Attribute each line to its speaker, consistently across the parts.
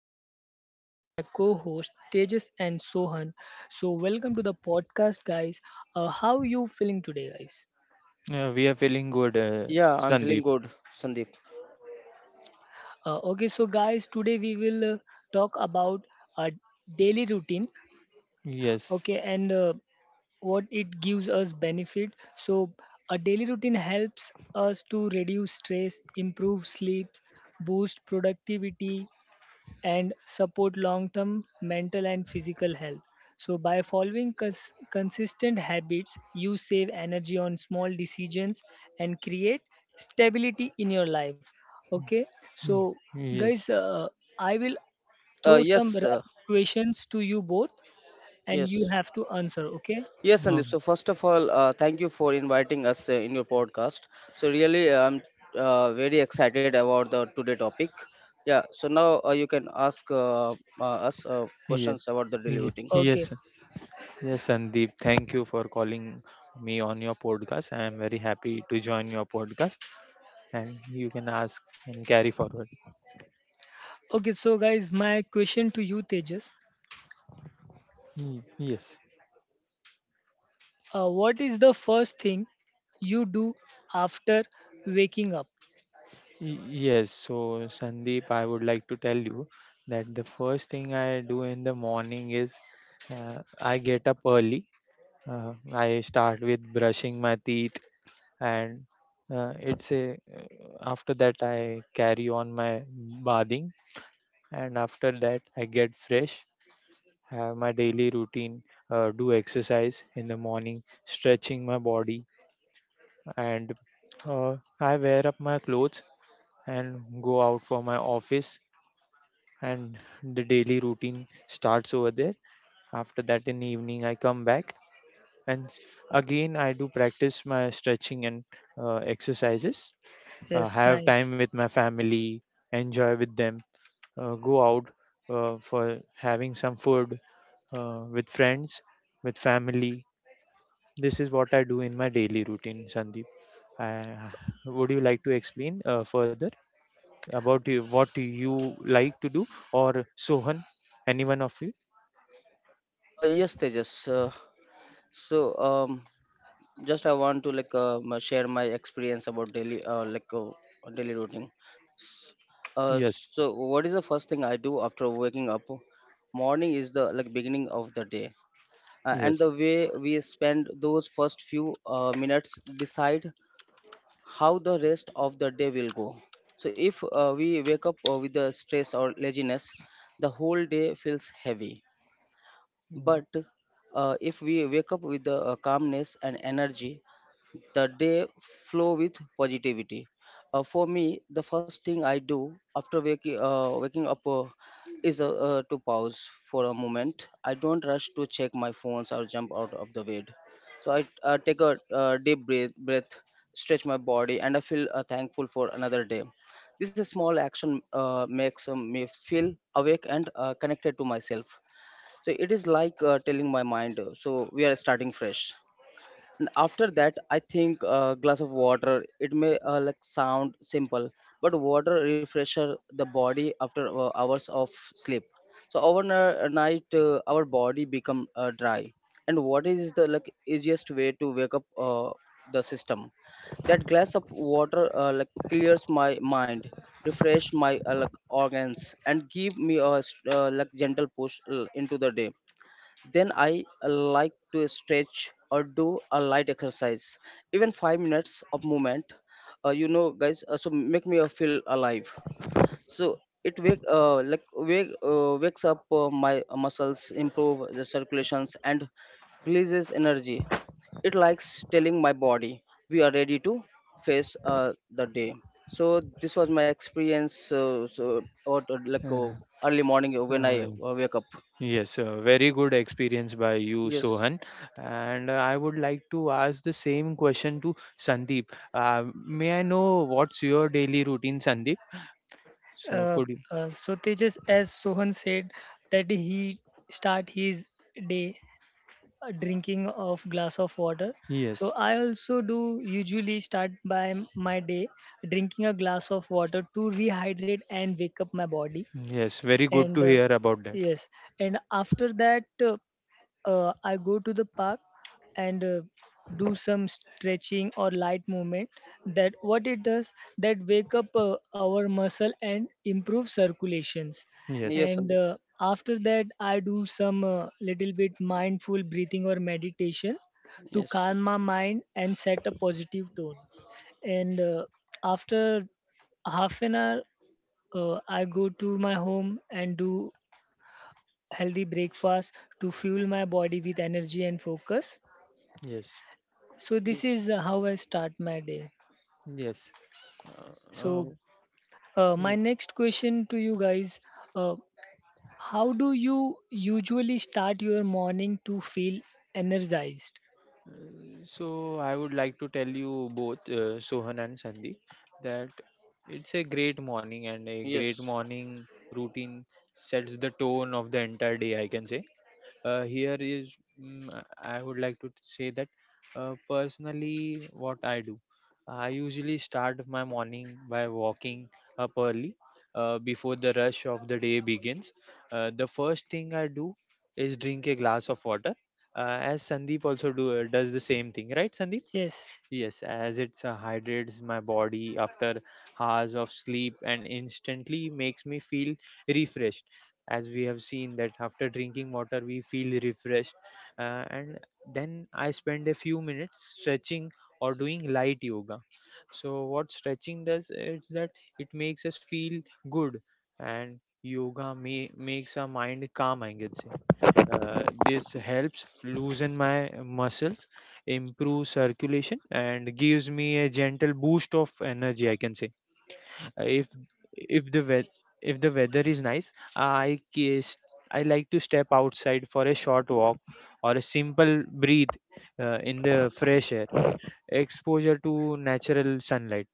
Speaker 1: and today with me my co-host Tejas and Sohan. So welcome to the podcast guys. How you feeling today guys?
Speaker 2: Yeah, we are feeling good,
Speaker 3: Yeah, I'm feeling
Speaker 2: Sandeep.
Speaker 3: good, Sandeep.
Speaker 1: Okay so guys today we will talk about our daily routine
Speaker 2: Yes.
Speaker 1: okay and what it gives us benefit. So a daily routine helps us to reduce stress, improve sleep, boost productivity and support long term mental and physical health. So, by following consistent habits, you save energy on small decisions and create stability in your life. Okay, so
Speaker 2: Mm, Yes.
Speaker 1: guys, I will
Speaker 3: Uh,
Speaker 1: throw some
Speaker 3: yes, uh,
Speaker 1: rapid questions to you both and you
Speaker 3: yes,
Speaker 1: have to answer. Okay,
Speaker 3: yes, Sandeep,
Speaker 2: Oh,
Speaker 3: So first of all, thank you for inviting us in your podcast. So really, I'm very excited about the today topic. Yeah. So now you can ask us
Speaker 2: yeah.
Speaker 3: questions about the daily routine.
Speaker 1: okay,
Speaker 2: Yes. Yes, Sandeep. Thank you for calling me on your podcast. I am very happy to join your podcast, and you can ask and carry forward.
Speaker 1: okay. So, guys, my question to you, Tejas,
Speaker 2: Yes.
Speaker 1: what is the first thing you do after waking up?
Speaker 2: Yes. So, Sandeep, I would like to tell you that the first thing I do in the morning is I get up early. I start with brushing my teeth, and it's a after that I carry on my bathing, and after that I get fresh, have my daily routine, do exercise in the morning, stretching my body, and I wear up my clothes and go out for my office, and the daily routine starts over there. After that, in evening, I come back, and again I do practice my stretching and exercises,
Speaker 1: Yes,
Speaker 2: have time
Speaker 1: nice.
Speaker 2: with my family, enjoy with them, go out for having some food with friends, with family. This is what I do in my daily routine, Sandeep. Uh, would you like to explain further about you, what you like to do, or Sohan, any one of you?
Speaker 3: Yes, Tejas. So um, just I want to share my experience about daily daily routine. Uh,
Speaker 2: Yes.
Speaker 3: so what is the first thing I do after waking up? Morning is the like beginning of the day, and
Speaker 2: Yes.
Speaker 3: the way we spend those first few minutes decide how the rest of the day will go. So if we wake up with the stress or laziness, the whole day feels heavy. But if we wake up with the calmness and energy, the day flow with positivity. For me, the first thing I do after waking up is to pause for a moment. I don't rush to check my phones or jump out of the bed. So I take a deep breath, stretch my body, and I feel thankful for another day. This small action makes me feel awake and connected to myself. So it is like telling my mind, so we are starting fresh. And after that I think a glass of water, it may like sound simple, but water refresher the body after hours of sleep. So overnight our body become dry. And what is the like easiest way to wake up the system? That glass of water like clears my mind, refresh my like organs, and give me a like gentle push into the day. Then I like to stretch or do a light exercise, even 5 minutes of movement. So make me feel alive. So it wakes up my muscles, improve the circulations, and releases energy. It likes telling my body we are ready to face the day. So this was my experience. So or like
Speaker 2: Mm,
Speaker 3: Early morning
Speaker 2: Uh,
Speaker 3: when I
Speaker 2: uh,
Speaker 3: wake up.
Speaker 2: Yes, very good experience by you,
Speaker 3: Yes,
Speaker 2: Sohan. And I would like to ask the same question to Sandeep. May I know what's your daily routine, Sandeep? So,
Speaker 1: uh,
Speaker 2: could you?
Speaker 1: so Tejas, as Sohan said, that he start his day drinking of glass of water. So
Speaker 2: Yes,
Speaker 1: I also do usually start by my day drinking a glass of water to rehydrate and wake up my body
Speaker 2: yes, very good to
Speaker 1: and
Speaker 2: hear about that.
Speaker 1: yes and after that I go to the park and do some stretching or light movement that what it does that wake up our muscle and improve circulations
Speaker 2: Yes,
Speaker 3: yes,
Speaker 1: and
Speaker 3: Sanjay.
Speaker 1: after that I do some little bit mindful breathing or meditation to
Speaker 3: Yes,
Speaker 1: calm my mind and set a positive tone and after half an hour I go to my home and do healthy breakfast to fuel my body with energy and focus.
Speaker 2: yes,
Speaker 1: So this
Speaker 3: yes,
Speaker 1: is how I start my day.
Speaker 2: yes. Uh, uh,
Speaker 1: So
Speaker 2: yeah.
Speaker 1: my next question to you guys: uh, How do you usually start your morning to feel energized?
Speaker 2: Uh, so, I would like to tell you both, Sohan and Sandeep, that it's a great morning, and a great
Speaker 3: yes,
Speaker 2: morning routine sets the tone of the entire day, I can say. Uh, here is mm, i I would like to say that personally, what I do, I usually start my morning by walking up early, before the rush of the day begins. The first thing I do is drink a glass of water, as Sandeep also do does the same thing, right, Sandeep?
Speaker 1: Yes,
Speaker 2: Yes, as it hydrates my body after hours of sleep and instantly makes me feel refreshed. As we have seen that after drinking water, we feel refreshed. And then I spend a few minutes stretching or doing light yoga. So, what stretching does is that it makes us feel good, and yoga makes our mind calm, I could say. This helps loosen my muscles, improve circulation, and gives me a gentle boost of energy, I can say. Uh, if if the weather if the weather is nice, I case I like to step outside for a short walk or a simple breathe in the fresh air. Exposure to natural sunlight,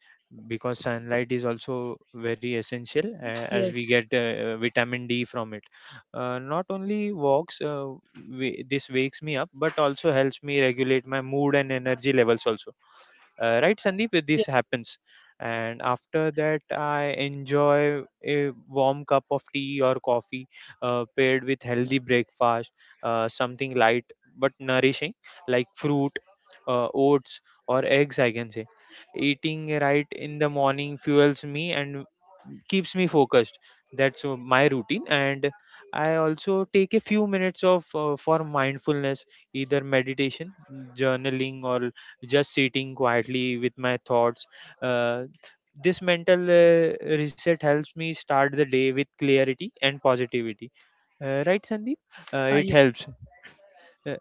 Speaker 2: because sunlight is also very essential, as we
Speaker 1: yes,
Speaker 2: get vitamin D from it. Not only walks, this wakes me up but also helps me regulate my mood and energy levels also. Right, Sandeep, this
Speaker 1: yes.
Speaker 2: happens? And after that, I enjoy a warm cup of tea or coffee, paired with healthy breakfast, something light but nourishing, like fruit, oats, or eggs, I can say. Eating right in the morning fuels me and keeps me focused. That's my routine. And I also take a few minutes of for mindfulness, either meditation, journaling, or just sitting quietly with my thoughts. Uh, this mental reset helps me start the day with clarity and positivity. Right, Sandeep? It
Speaker 1: Yeah.
Speaker 2: helps. Uh,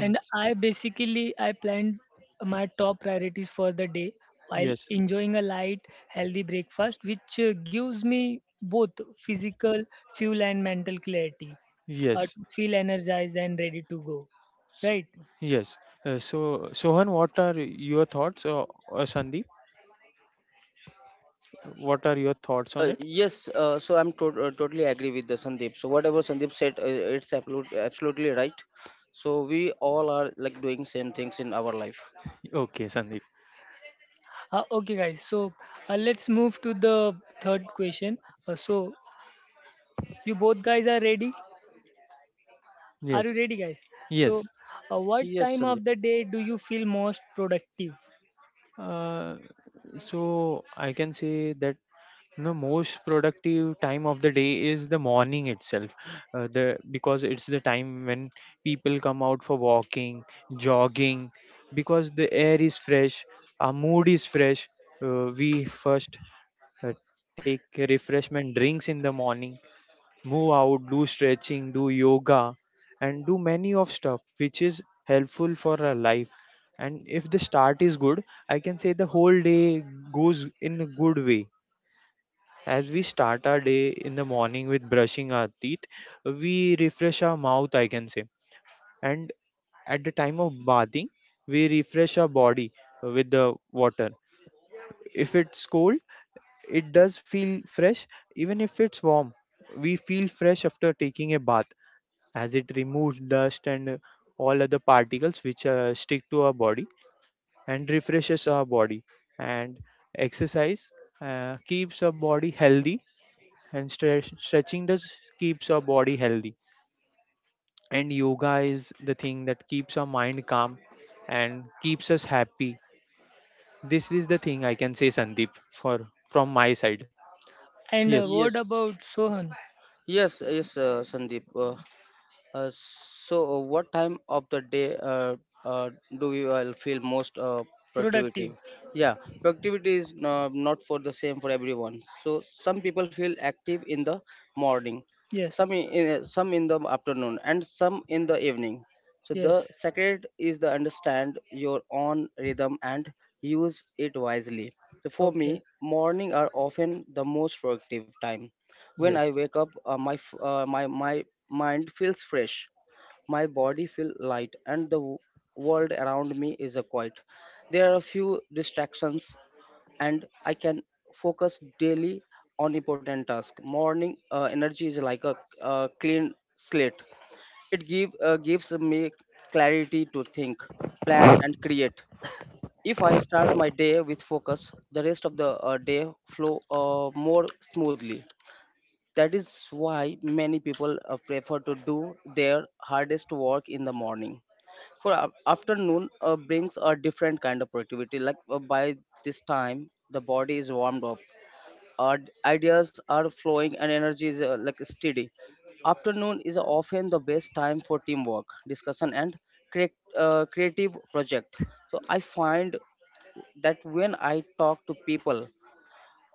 Speaker 1: And I basically I planned my top priorities for the day while
Speaker 2: Yes.
Speaker 1: enjoying a light, healthy breakfast, which gives me both physical fuel and mental clarity
Speaker 2: Yes.
Speaker 1: to feel energized and ready to go. Right.
Speaker 2: Yes. So, Sohan, what are your thoughts, or Sandeep? What are your thoughts on it?
Speaker 3: yes. So I'm totally agree with the Sandeep. So whatever Sandeep said, it's absolutely right. So we all are like doing same things in our life.
Speaker 2: Okay, Sandeep.
Speaker 1: Okay, guys. So let's move to the third question. So you both guys are ready? Are you
Speaker 2: Yes.
Speaker 1: ready, guys? So
Speaker 2: Yes.
Speaker 1: what
Speaker 3: Yes,
Speaker 1: time
Speaker 3: Sandeep.
Speaker 1: of the day do you feel most productive?
Speaker 2: Uh, So, I can say that the most productive time of the day is the morning itself. The Because it's the time when people come out for walking, jogging, because the air is fresh, our mood is fresh. We first uh, take refreshment drinks in the morning, move out, do stretching, do yoga, and do many of stuff which is helpful for our life. And if the start is good, I can say the whole day goes in a good way. As we start our day in the morning with brushing our teeth, we refresh our mouth, I can say. And at the time of bathing, we refresh our body with the water. If it's cold, it does feel fresh, even if it's warm. We feel fresh after taking a bath, as it removes dust and all other particles which stick to our body and refreshes our body. And exercise keeps our body healthy, and stretching does keeps our body healthy, and yoga is the thing that keeps our mind calm and keeps us happy. This is the thing I can say, Sandeep, for from my side.
Speaker 1: And
Speaker 2: Yes,
Speaker 1: what
Speaker 3: Yes,
Speaker 1: about Sohan?
Speaker 3: yes, Sandeep. What time of the day uh, do you all feel most productivity?
Speaker 1: Productive.
Speaker 3: Yeah, productivity is not for the same for everyone. So some people feel active in the morning,
Speaker 1: Yes,
Speaker 3: some in the afternoon, and some in the evening. So the
Speaker 1: yes,
Speaker 3: secret is to understand your own rhythm and use it wisely. So for me,
Speaker 1: okay,
Speaker 3: morning are often the most productive time. When I
Speaker 2: yes.
Speaker 3: wake up, my mind feels fresh, my body feels light, and the world around me is a quiet. There are a few distractions, and I can focus daily on important tasks. Morning energy is like a, uh, clean slate. It gives me clarity to think, plan, and create. If I start my day with focus, the rest of the day flow more smoothly. That is why many people prefer to do their hardest work in the morning. For afternoon brings a different kind of productivity. Like by this time, the body is warmed up, our ideas are flowing, and energy is like steady. Afternoon is often the best time for teamwork, discussion, and create, creative project. So I find that when I talk to people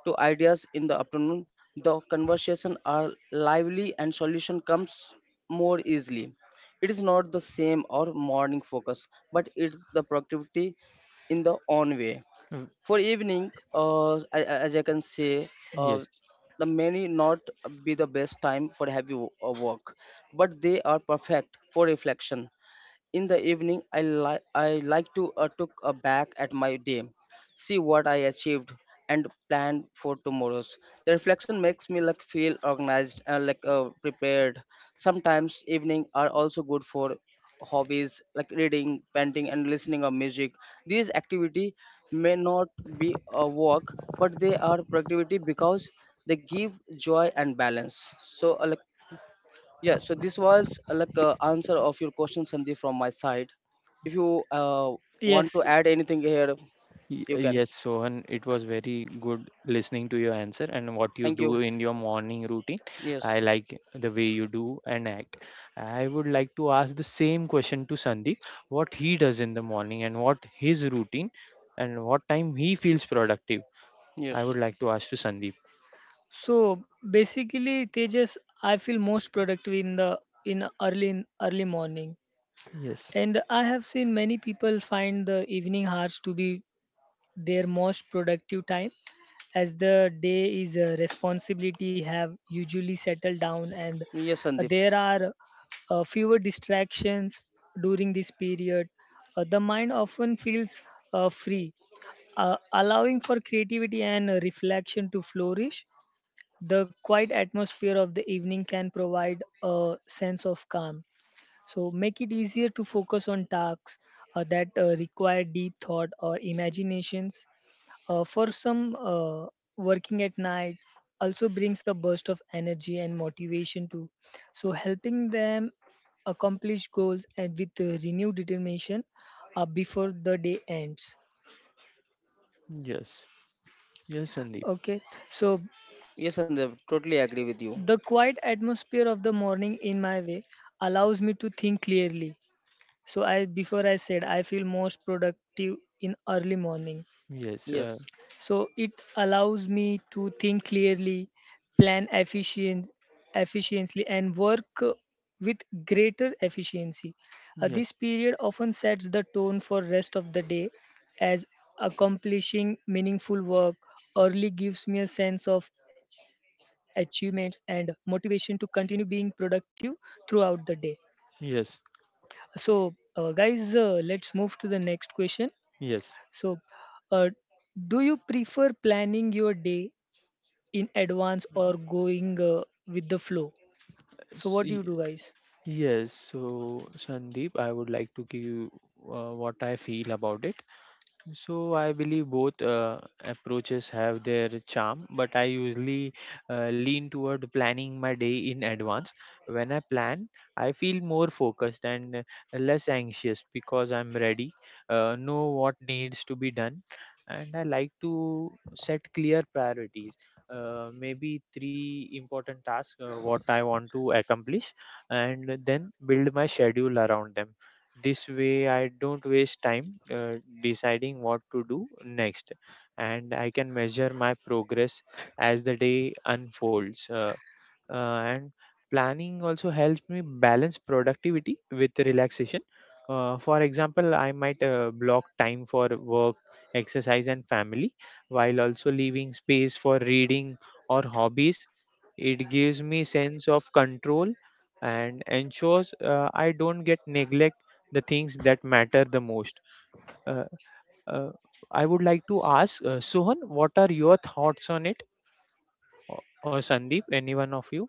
Speaker 3: to ideas in the afternoon, the conversation are lively and solution comes more easily. It is not the same or morning focus, but it's the productivity in the own way.
Speaker 2: Mm,
Speaker 3: For evening, as I can say, uh,
Speaker 2: yes.
Speaker 3: the many not be the best time for heavy work, but they are perfect for reflection. In the evening, I like to look back at my day, see what I achieved, and plan for tomorrow's. The reflection makes me like feel organized and like prepared. Sometimes evening are also good for hobbies like reading, painting, and listening of music. These activity may not be a work, but they are productivity because they give joy and balance. So uh, like yeah, so this was answer of your question, Sandeep, from my side. If you want to
Speaker 1: yes.
Speaker 3: add anything here, you can.
Speaker 2: Yes, Sohan, it was very good listening to your answer and what you
Speaker 3: Thank you.
Speaker 2: do in your morning routine. I
Speaker 3: Yes,
Speaker 2: like the way you do and act. I would like to ask the same question to Sandeep, what he does in the morning and what his routine and what time he feels productive. I would
Speaker 3: yes,
Speaker 2: like to ask to Sandeep.
Speaker 1: So basically, Tejas, I feel most productive in the in early morning,
Speaker 2: Yes,
Speaker 1: and I have seen many people find the evening hours to be their most productive time, as the day is a responsibility have usually settled down, and
Speaker 3: yes, Sandeep.
Speaker 1: there are fewer distractions during this period. The mind often feels free allowing for creativity and reflection to flourish. The quiet atmosphere of the evening can provide a sense of calm. So, make it easier to focus on tasks that require deep thought or imaginations. For some, working at night also brings a burst of energy and motivation too. So, helping them accomplish goals and with renewed determination before the day ends.
Speaker 2: yes, yes, Sandeep.
Speaker 1: Okay, so
Speaker 3: Yes, Sandeep. Totally agree with you.
Speaker 1: the quiet atmosphere of the morning in my way allows me to think clearly. So I before I said I feel most productive in early morning.
Speaker 2: Yes,
Speaker 3: Yes,
Speaker 1: So it allows me to think clearly, plan efficiently, and work with greater efficiency. This
Speaker 2: yes,
Speaker 1: period often sets the tone for rest of the day, as accomplishing meaningful work early gives me a sense of achievements and motivation to continue being productive throughout the day.
Speaker 2: yes,
Speaker 1: So, guys, let's move to the next question.
Speaker 2: yes.
Speaker 1: So, uh, do you prefer planning your day in advance or going with the flow. So
Speaker 2: S-
Speaker 1: what do you
Speaker 2: y-
Speaker 1: do, guys?
Speaker 2: Yes, so Sandeep, I would like to give what I feel about it. So, I believe both approaches have their charm, but I usually lean toward planning my day in advance. When I plan, I feel more focused and less anxious because I'm ready, know what needs to be done, and I like to set clear priorities. Maybe three important tasks what I want to accomplish, and then build my schedule around them. This way, I don't waste time deciding what to do next, and I can measure my progress as the day unfolds. And planning also helps me balance productivity with relaxation. For example, I might block time for work, exercise, and family, while also leaving space for reading or hobbies. It gives me sense of control and ensures I don't get neglect the things that matter the most. uh, uh, I would like to ask Sohan, what are your thoughts on it, or Sandeep, any one of you?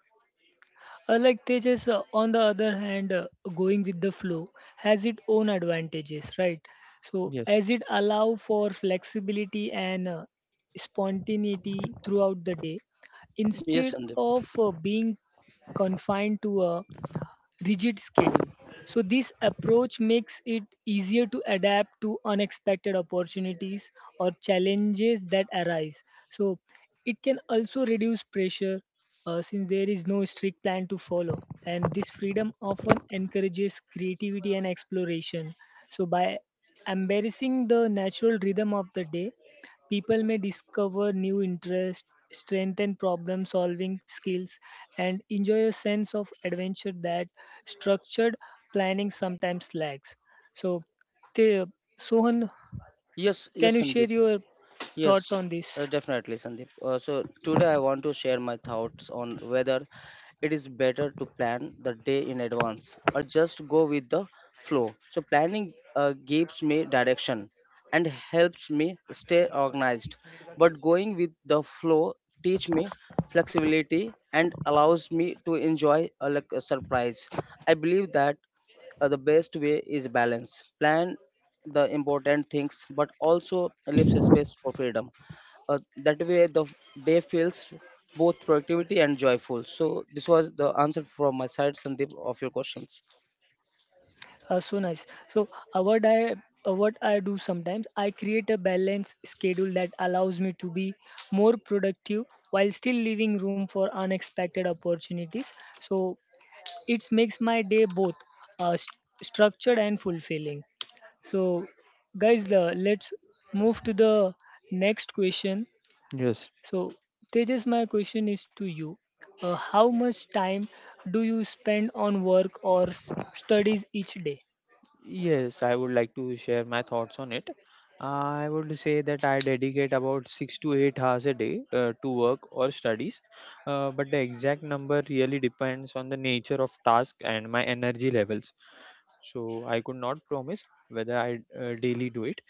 Speaker 1: Like Tejas, on the other hand, going with the flow has its own advantages, right? So
Speaker 2: Yes.
Speaker 1: as it allow for flexibility and spontaneity throughout the day,
Speaker 3: yes,
Speaker 1: instead
Speaker 3: Sandeep.
Speaker 1: of being confined to a rigid schedule. So, this approach makes it easier to adapt to unexpected opportunities or challenges that arise. So, it can also reduce pressure since there is no strict plan to follow. And this freedom often encourages creativity and exploration. So, by embracing the natural rhythm of the day, people may discover new interests, strengthen problem solving skills, and enjoy a sense of adventure that structured planning sometimes lacks. So, the, Sohan,
Speaker 3: Yes,
Speaker 1: can
Speaker 3: yes,
Speaker 1: you share
Speaker 3: Sandeep.
Speaker 1: your thoughts
Speaker 3: Yes,
Speaker 1: on this?
Speaker 3: definitely, Sandeep. So today I want to share my thoughts on whether it is better to plan the day in advance or just go with the flow. So planning gives me direction and helps me stay organized, but going with the flow teach me flexibility and allows me to enjoy a, like a surprise. I believe that the best way is balance. Plan the important things, but also leaves a space for freedom, that way the day feels both productivity and joyful. So this was the answer from my side, Sandeep, of your questions.
Speaker 1: So nice. So uh, what I what I do sometimes I create a balanced schedule that allows me to be more productive while still leaving room for unexpected opportunities. So it makes my day both uh, st- structured and fulfilling. So, guys, the let's move to the next question.
Speaker 2: Yes.
Speaker 1: So, Tejas, my question is to you. How much time do you spend on work or studies each day?
Speaker 2: Yes, I would like to share my thoughts on it. I would say that I dedicate about 6 to 8 hours a day to work or studies, but the exact number really depends on the nature of task and my energy levels. So, I could not promise whether I daily do it,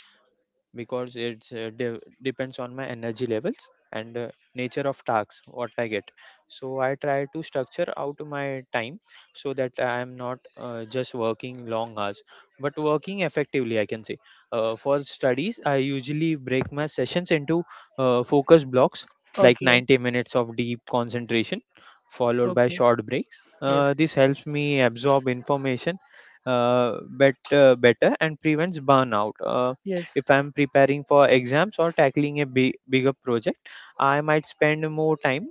Speaker 2: because it depends on my energy levels and nature of tasks what I get. So, I try to structure out my time so that I am not just working long hours but working effectively, I can say. For studies, I usually break my sessions into focus blocks, like
Speaker 1: Okay,
Speaker 2: 90 minutes of deep concentration followed by
Speaker 1: okay,
Speaker 2: short breaks.
Speaker 1: yes,
Speaker 2: This helps me absorb information uh, better and prevents burnout.
Speaker 1: yes,
Speaker 2: If I'm preparing for exams or tackling a bigger project, I might spend more time,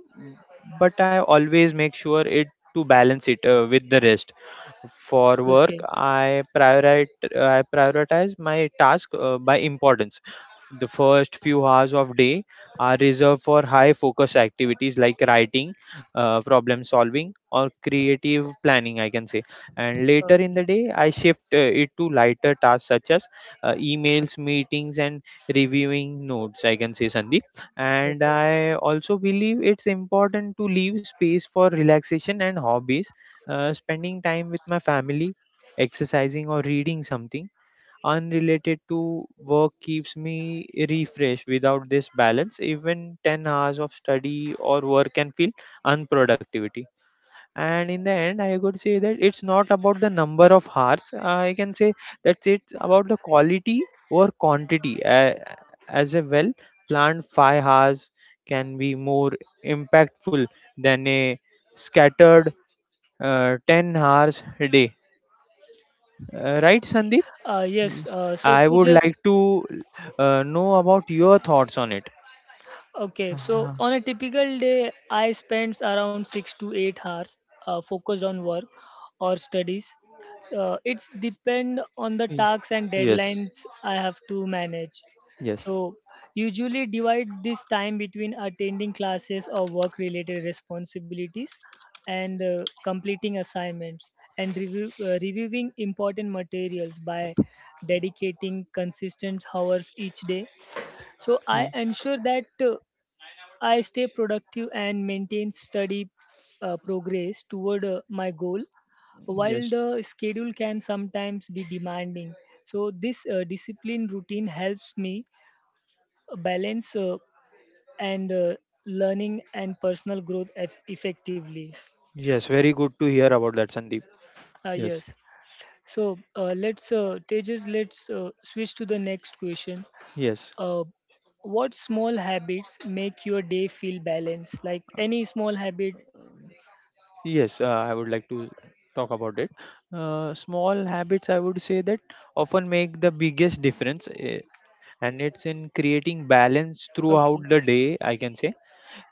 Speaker 2: but I always make sure it to balance it with the rest. For work,
Speaker 1: okay,
Speaker 2: I prioritize my task by importance. The first few hours of day are reserved for high focus activities like writing, problem solving, or creative planning, I can say. And later in
Speaker 1: okay,
Speaker 2: the day, I shift it to lighter tasks, such as emails, meetings, and reviewing notes, I can say, Sandeep. And
Speaker 1: okay.
Speaker 2: I also believe it's important to leave space for relaxation and hobbies, spending time with my family, exercising, or reading something unrelated to work keeps me refreshed. Without this balance, even 10 hours of study or work can feel unproductivity. And in the end, I could say that it's not about the number of hours. I can say that it's about the quality or quantity. As a well planned 5 hours can be more impactful than a scattered 10 hours a day. Right, Sandeep?
Speaker 1: Uh, yes, uh, so
Speaker 2: I would
Speaker 1: Tejas,
Speaker 2: like to know about your thoughts on it.
Speaker 1: Okay, so
Speaker 2: Uh,
Speaker 1: on a typical day, I spend around 6 to 8 hours focused on work or studies. It's depend on the
Speaker 2: y-
Speaker 1: tasks and
Speaker 2: yes,
Speaker 1: deadlines I have to manage.
Speaker 2: yes,
Speaker 1: So usually divide this time between attending classes or work-related responsibilities and completing assignments and reviewing important materials by dedicating consistent hours each day so I
Speaker 2: y-
Speaker 1: ensure that I stay productive and maintain steady progress toward my goal, while
Speaker 2: yes,
Speaker 1: the schedule can sometimes be demanding. So, this discipline routine helps me balance and learning and personal growth effectively.
Speaker 2: yes. Very good to hear about that, Sandeep.
Speaker 1: Ah yes.
Speaker 2: Yes,
Speaker 1: So, Tejas, let's switch to the next question.
Speaker 2: yes,
Speaker 1: Uh, what small habits make your day feel balanced? Like any small habit?
Speaker 2: yes. I would like to talk about it. Small habits, I would say that often make the biggest difference, eh, and it's in creating balance throughout
Speaker 1: Okay.
Speaker 2: the day, I can say.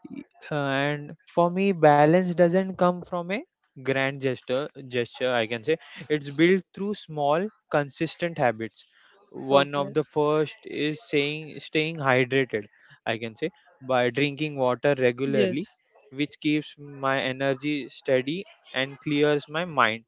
Speaker 2: Y- and for me, balance doesn't come from a grand gesture, I can say. It's built through small consistent habits. One of
Speaker 1: Okay.
Speaker 2: the first is saying staying hydrated, I can say, by drinking water regularly,
Speaker 1: Yes.
Speaker 2: which keeps my energy steady and clears my mind.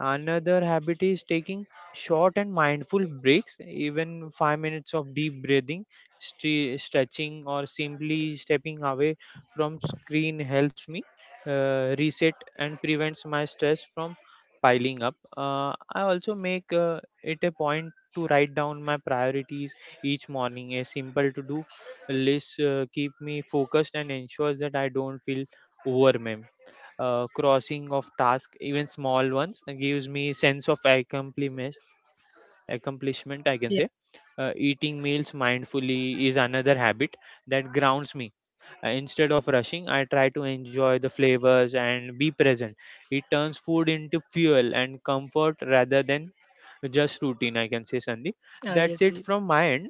Speaker 2: Another habit is taking short and mindful breaks. Even 5 minutes of deep breathing, stretching, or simply stepping away from screen helps me reset and prevents my stress from piling up. I also make it a point to write down my priorities each morning. A simple to do list keep me focused and ensures that I don't feel overwhelmed crossing of tasks, even small ones, gives me sense of accomplishment. Accomplishment, I can
Speaker 1: Yeah.
Speaker 2: say. Eating meals mindfully is another habit that grounds me. Instead of rushing, I try to enjoy the flavors and be present. It turns food into fuel and comfort rather than just routine. I can say, Sandeep.
Speaker 1: Ah,
Speaker 2: That's
Speaker 1: yes,
Speaker 2: it
Speaker 1: yes.
Speaker 2: from my end.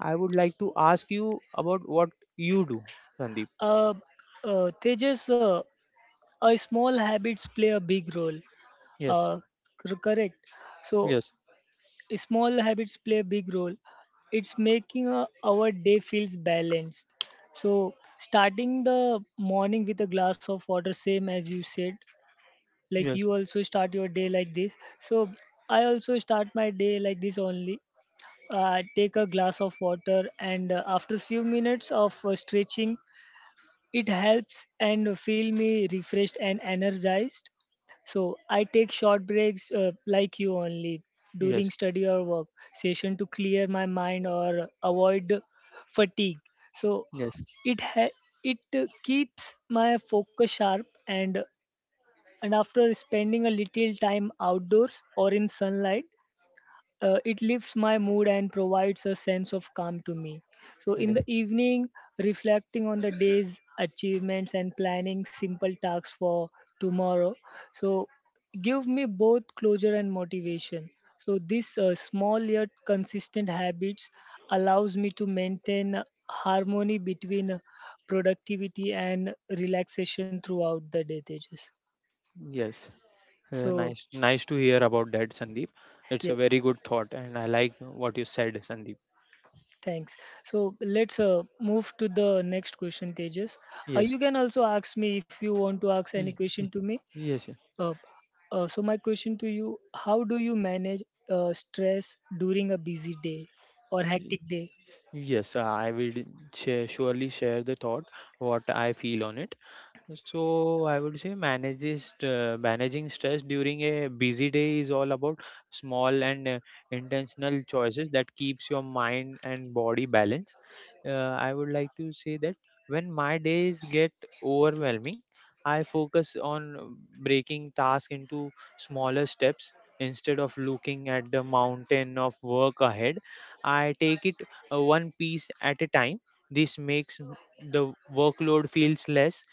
Speaker 2: I would like to ask you about what you do, Sandeep.
Speaker 1: Uh, Tejas, a small habits play a big role.
Speaker 2: Yes,
Speaker 1: Uh, Correct. So
Speaker 2: yes,
Speaker 1: small habits play a big role. It's making our day feels balanced. So starting the morning with a glass of water, same as you said, like
Speaker 2: yes,
Speaker 1: you also start your day like this. So I also start my day like this only. I take a glass of water and after few minutes of stretching, it helps and feel me refreshed and energized. So I take short breaks like you only during
Speaker 2: yes,
Speaker 1: study or work session to clear my mind or avoid fatigue. So
Speaker 2: yes,
Speaker 1: it ha- it keeps my focus sharp and after spending a little time outdoors or in sunlight, it lifts my mood and provides a sense of calm to me. So, in
Speaker 2: yes.
Speaker 1: the evening, reflecting on the day's achievements and planning simple tasks for tomorrow. So, give me both closure and motivation. So, this small yet consistent habits allows me to maintain harmony between productivity and relaxation throughout the day. Tejas.
Speaker 2: Yes,
Speaker 1: So,
Speaker 2: nice to hear about that, Sandeep. It's
Speaker 1: yeah.
Speaker 2: a very good thought, and I like what you said, Sandeep.
Speaker 1: Thanks. So let's move to the next question, Tejas.
Speaker 2: Yes,
Speaker 1: You can also ask me if you want to ask any
Speaker 2: Y-
Speaker 1: question
Speaker 2: y-
Speaker 1: to me.
Speaker 2: yes,
Speaker 1: Uh, so my question to you: how do you manage stress during a busy day or
Speaker 2: yes,
Speaker 1: hectic day?
Speaker 2: yes. I will surely share the thought what I feel on it. So I would say manages managing stress during a busy day is all about small and intentional choices that keeps your mind and body balanced. Uh, I would like to say that when my days get overwhelming, I focus on breaking tasks into smaller steps instead of looking at the mountain of work ahead. I take it one piece at a time. This makes the workload feels less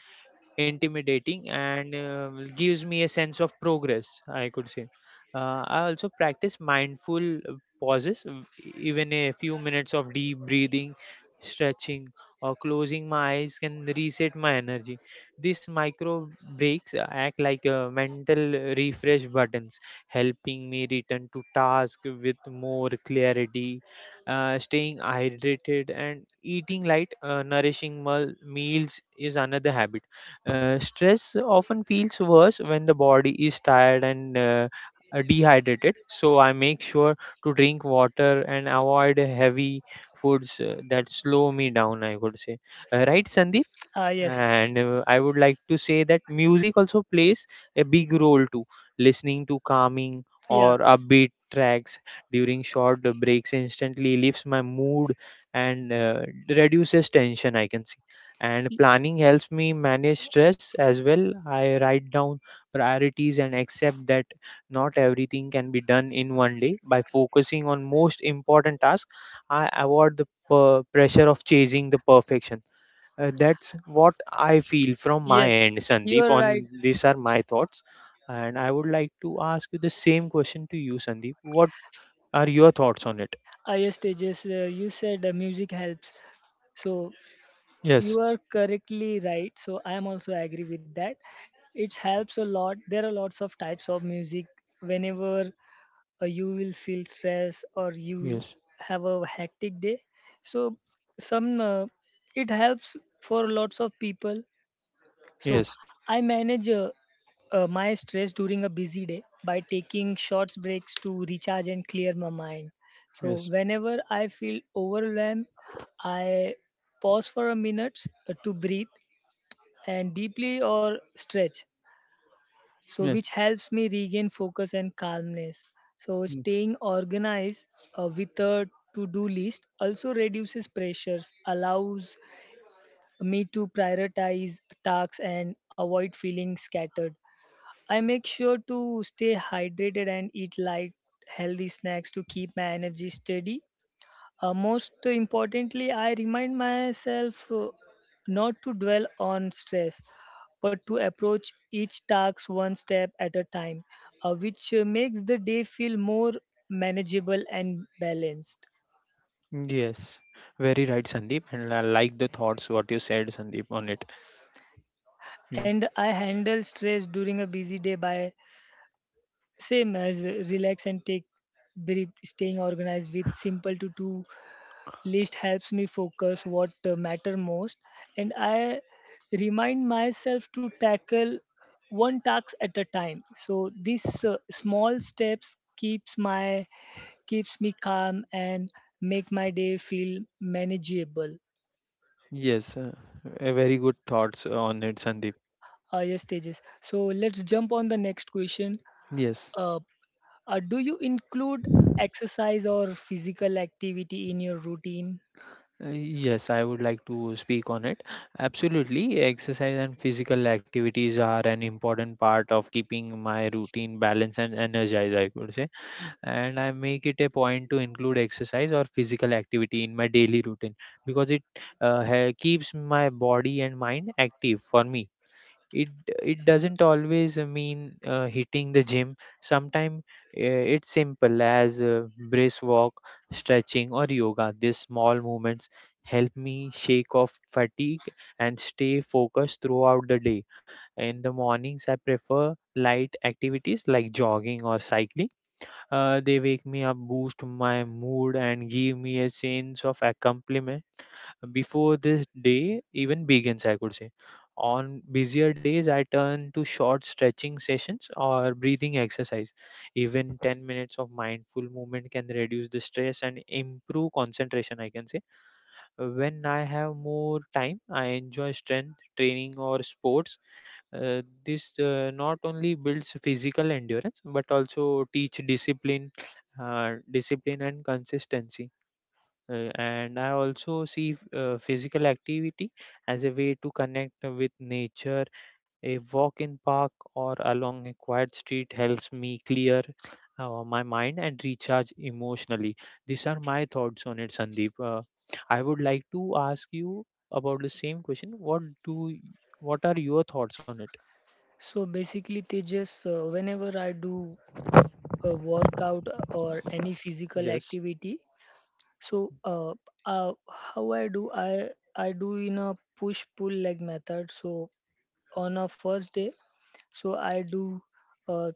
Speaker 2: intimidating and gives me a sense of progress, I could say. I also practice mindful pauses, even a few minutes of deep breathing, stretching, or closing my eyes can reset my energy. These micro breaks act like mental refresh buttons, helping me return to task with more clarity staying hydrated and eating light nourishing meals is another habit stress often feels worse when the body is tired and dehydrated. So I make sure to drink water and avoid heavy foods that slow me down, I would say. Right, Sandeep?
Speaker 1: Ah, yes,
Speaker 2: And I would like to say that music also plays a big role too, listening to calming
Speaker 1: yeah,
Speaker 2: or upbeat tracks during short breaks instantly lifts my mood and reduces tension, I can see. And
Speaker 1: Y-
Speaker 2: planning helps me manage stress as well. I write down priorities and accept that not everything can be done in one day. By focusing on most important tasks, I avoid the pressure of chasing the perfection. That's what I feel from my
Speaker 1: yes,
Speaker 2: end,
Speaker 1: you
Speaker 2: Sandeep.
Speaker 1: are right.
Speaker 2: On these are my thoughts, and I would like to ask you the same question to you, Sandeep. What are your thoughts on it?
Speaker 1: Ah, yes, Tejas, you said music helps. So
Speaker 2: Yes,
Speaker 1: you are correctly right so I am also agree with that. It helps a lot. There are lots of types of music. Whenever you will feel stress or you
Speaker 2: yes,
Speaker 1: have a hectic day, so some it helps for lots of people. So
Speaker 2: yes,
Speaker 1: I manage my stress during a busy day by taking short breaks to recharge and clear my mind. So
Speaker 2: yes,
Speaker 1: whenever I feel overwhelmed, I pause for a minute to breathe and deeply or stretch. So which helps me regain focus and calmness. So
Speaker 2: yes,
Speaker 1: staying organized with a to-do list also reduces pressures, allows me to prioritize tasks and avoid feeling scattered. I make sure to stay hydrated and eat light, healthy snacks to keep my energy steady. Most importantly, I remind myself not to dwell on stress, but to approach each task one step at a time, which makes the day feel more manageable and balanced.
Speaker 2: yes. Very right, Sandeep. And I like the thoughts what you said, Sandeep, on it. Ye-
Speaker 1: And I handle stress during a busy day by same as relax and take breathe, staying organized with simple to do list helps me focus what matter most and I remind myself to tackle one task at a time so these small steps keeps me calm and make my day feel manageable.
Speaker 2: Yes, a very good thoughts on it, Sandeep.
Speaker 1: Yes Tejas. So let's jump on the next question.
Speaker 2: Yes.
Speaker 1: uh, do you include exercise or physical activity in your routine?
Speaker 2: Yes, I would like to speak on it. Absolutely, exercise and physical activities are an important part of keeping my routine balanced and energized, I could say. And I make it a point to include exercise or physical activity in my daily routine because it keeps my body and mind active for me. It it doesn't always mean hitting the gym. Sometimes it's simple as brisk walk, stretching or yoga. These small movements help me shake off fatigue and stay focused throughout the day. In the mornings, I prefer light activities like jogging or cycling. They wake me up, boost my mood and give me a sense of accomplishment before this day even begins, I could say. On busier days, I turn to short stretching sessions or breathing exercise. Even 10 minutes of mindful movement can reduce the stress and improve concentration, I can say. When I have more time, I enjoy strength training or sports. This not only builds physical endurance but also teach discipline, discipline and consistency. And I also see physical activity as a way to connect with nature. A walk in park or along a quiet street helps me clear my mind and recharge emotionally. These are my thoughts on it, Sandeep. I would like to ask you about the same question. What are your thoughts on it?
Speaker 1: So basically, they just whenever I do a workout or any physical
Speaker 2: Yes.
Speaker 1: activity. So how I do in a push pull leg method. So on a first day, so I do uh,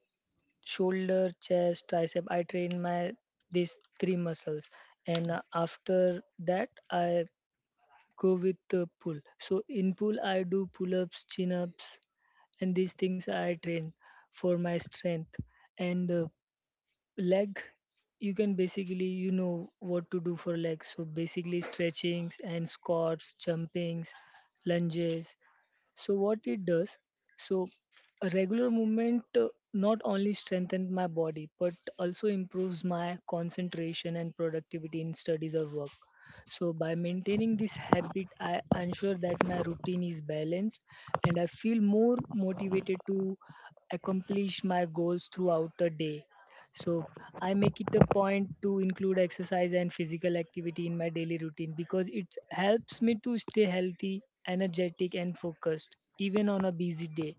Speaker 1: shoulder, chest, tricep. I train my these three muscles, and after that I go with the pull. So in pull I do pull ups, chin ups, and these things I train for my strength. And leg you can basically you know what to do for legs, so basically stretchings and squats, jumpings, lunges. So what it does so a regular movement not only strengthens my body but also improves my concentration and productivity in studies or work. So by maintaining this habit, I ensure that my routine is balanced and I feel more motivated to accomplish my goals throughout the day. So I make it a point to include exercise and physical activity in my daily routine because it helps me to stay healthy, energetic, and focused even on a busy day.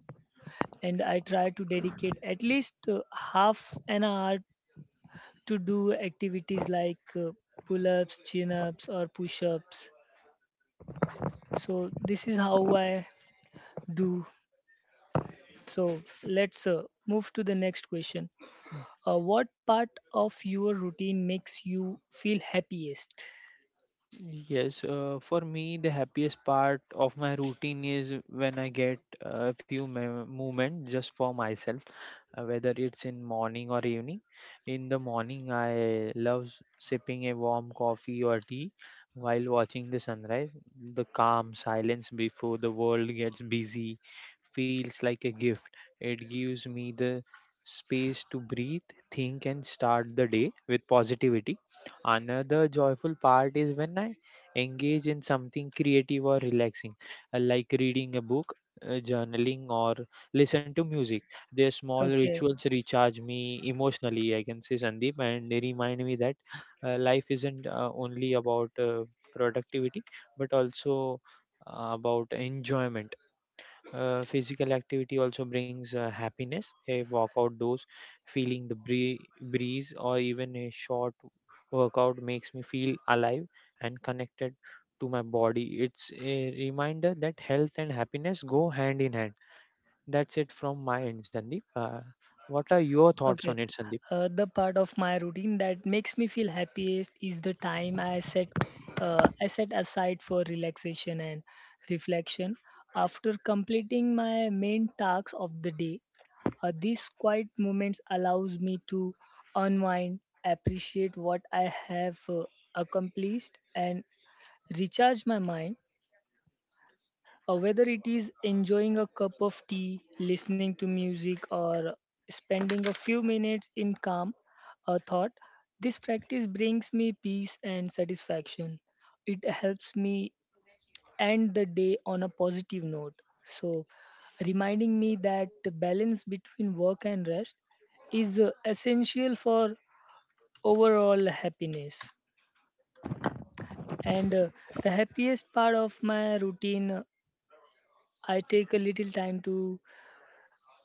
Speaker 1: And I try to dedicate at least half an hour to do activities like pull ups, chin ups, or push ups. So this is how I do. So let's move to the next question. What part of your routine makes you feel happiest?
Speaker 2: Yes, for me, the happiest part of my routine is when I get a few moments just for myself, whether it's in morning or evening. In the morning, I love sipping a warm coffee or tea while watching the sunrise. The calm silence before the world gets busy feels like a gift. It gives me the space to breathe, think, and start the day with positivity. Another joyful part is when I engage in something creative or relaxing, like reading a book, journaling, or listen to music. Their small
Speaker 1: Okay.
Speaker 2: rituals recharge me emotionally, I can say, Sandeep, and they remind me that life isn't only about productivity but also about enjoyment. Physical activity also brings happiness. A walk outdoors, feeling the breeze, or even a short workout makes me feel alive and connected to my body. It's a reminder that health and happiness go hand in hand. That's it from my end, Sandeep. What are your thoughts on
Speaker 1: Okay.
Speaker 2: it, Sandeep?
Speaker 1: The part of my routine that makes me feel happiest is the time I set aside for relaxation and reflection after completing my main tasks of the day. These quiet moments allows me to unwind, appreciate what I have accomplished, and recharge my mind. Whether it is enjoying a cup of tea, listening to music, or spending a few minutes in calm thought, this practice brings me peace and satisfaction. It helps me end the day on a positive note. So, reminding me that the balance between work and rest is essential for overall happiness. And the happiest part of my routine, I take a little time to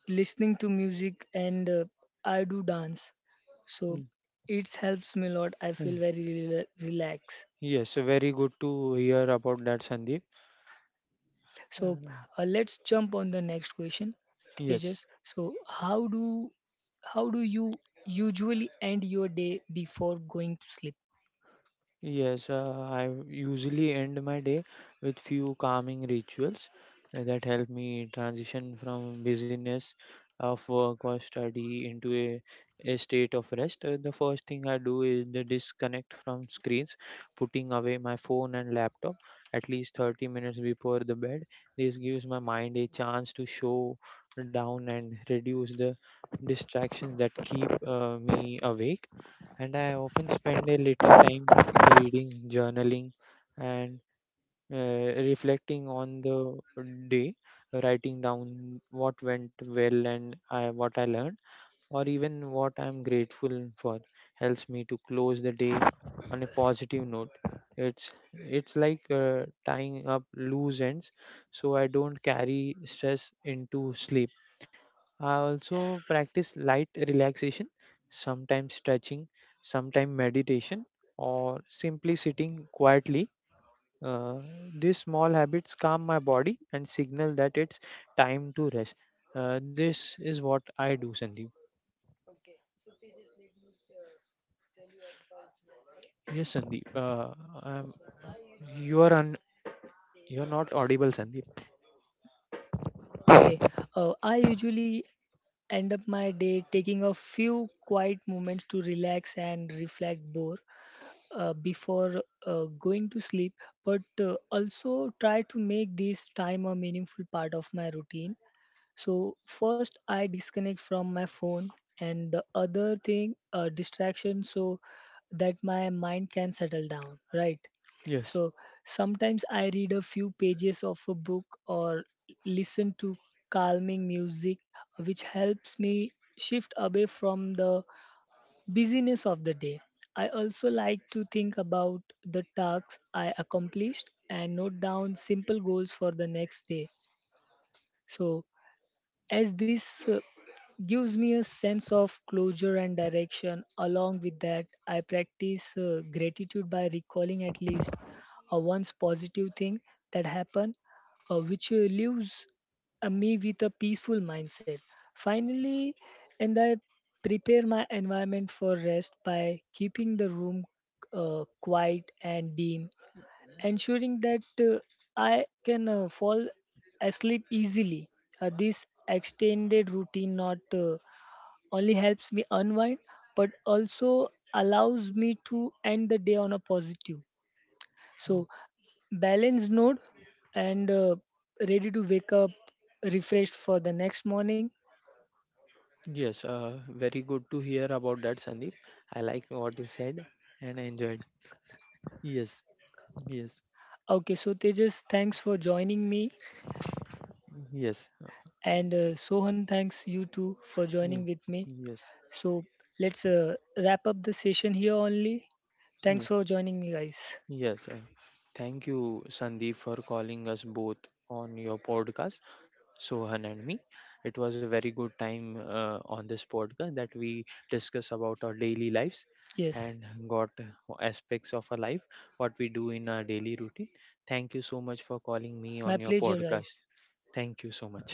Speaker 1: listening to music and I do dance. So
Speaker 2: Mm,
Speaker 1: it helps me a lot. I
Speaker 2: mm.
Speaker 1: feel very relaxed.
Speaker 2: Yes, very good to hear about that, Sandeep. Uh,
Speaker 1: So let's jump on the next question,
Speaker 2: yes.
Speaker 1: Tejas. So how do you usually end your day before going to sleep?
Speaker 2: Yes, I usually end my day with few calming rituals that help me transition from busyness of work or study into a state of rest. The first thing I do is the disconnect from screens, putting away my phone and laptop at least 30 minutes before the bed. This gives my mind a chance to show down and reduce the distractions that keep me awake. And I often spend a little time reading, journaling, and reflecting on the day, writing down what went well what I learned, or even what I'm grateful for, helps me to close the day on a positive note. It's like tying up loose ends, so I don't carry stress into sleep. I also practice light relaxation, sometimes stretching, sometimes meditation, or simply sitting quietly. Uh, these small habits calm my body and signal that it's time to rest. This is what I do, Sandeep. Yes, Sandeep. Um, you are un- you are not audible, Sandeep.
Speaker 1: Okay, I usually end up my day taking a few quiet moments to relax and reflect more, before going to sleep, but also try to make this time a meaningful part of my routine. So, first, I disconnect from my phone, and the other thing, distraction, so that my mind can settle down, right?
Speaker 2: Yes,
Speaker 1: So, sometimes I read a few pages of a book or listen to calming music, which helps me shift away from the busyness of the day. I also like to think about the tasks I accomplished and note down simple goals for the next day. So, as this gives me a sense of closure and direction. Along with that, I practice gratitude by recalling at least once positive thing that happened, which leaves me with a peaceful mindset. Finally, and I prepare my environment for rest by keeping the room quiet and dim, ensuring that I can fall asleep easily. This extended routine not only helps me unwind but also allows me to end the day on a positive. So, balanced node and ready to wake up refreshed for the next morning.
Speaker 2: yes, very good to hear about that, Sandeep. I like what you said and I enjoyed. Yes, yes,
Speaker 1: Okay, so Tejas, thanks for joining me,
Speaker 2: yes.
Speaker 1: and Sohan, thanks you too for
Speaker 2: Yeah,
Speaker 1: joining with me.
Speaker 2: yes,
Speaker 1: So let's wrap up the session here only.
Speaker 2: yeah,
Speaker 1: Thanks for joining me, guys.
Speaker 2: yes. Thank you, Sandeep, for calling us both on your podcast, Sohan and me. It was a very good time on this podcast that we discuss about our daily lives and
Speaker 1: Yes.
Speaker 2: got aspects of our life, what we do in our daily routine. Thank you so much for calling me on
Speaker 1: My
Speaker 2: your
Speaker 1: pleasure,
Speaker 2: podcast.
Speaker 1: guys.
Speaker 2: Thank you so much.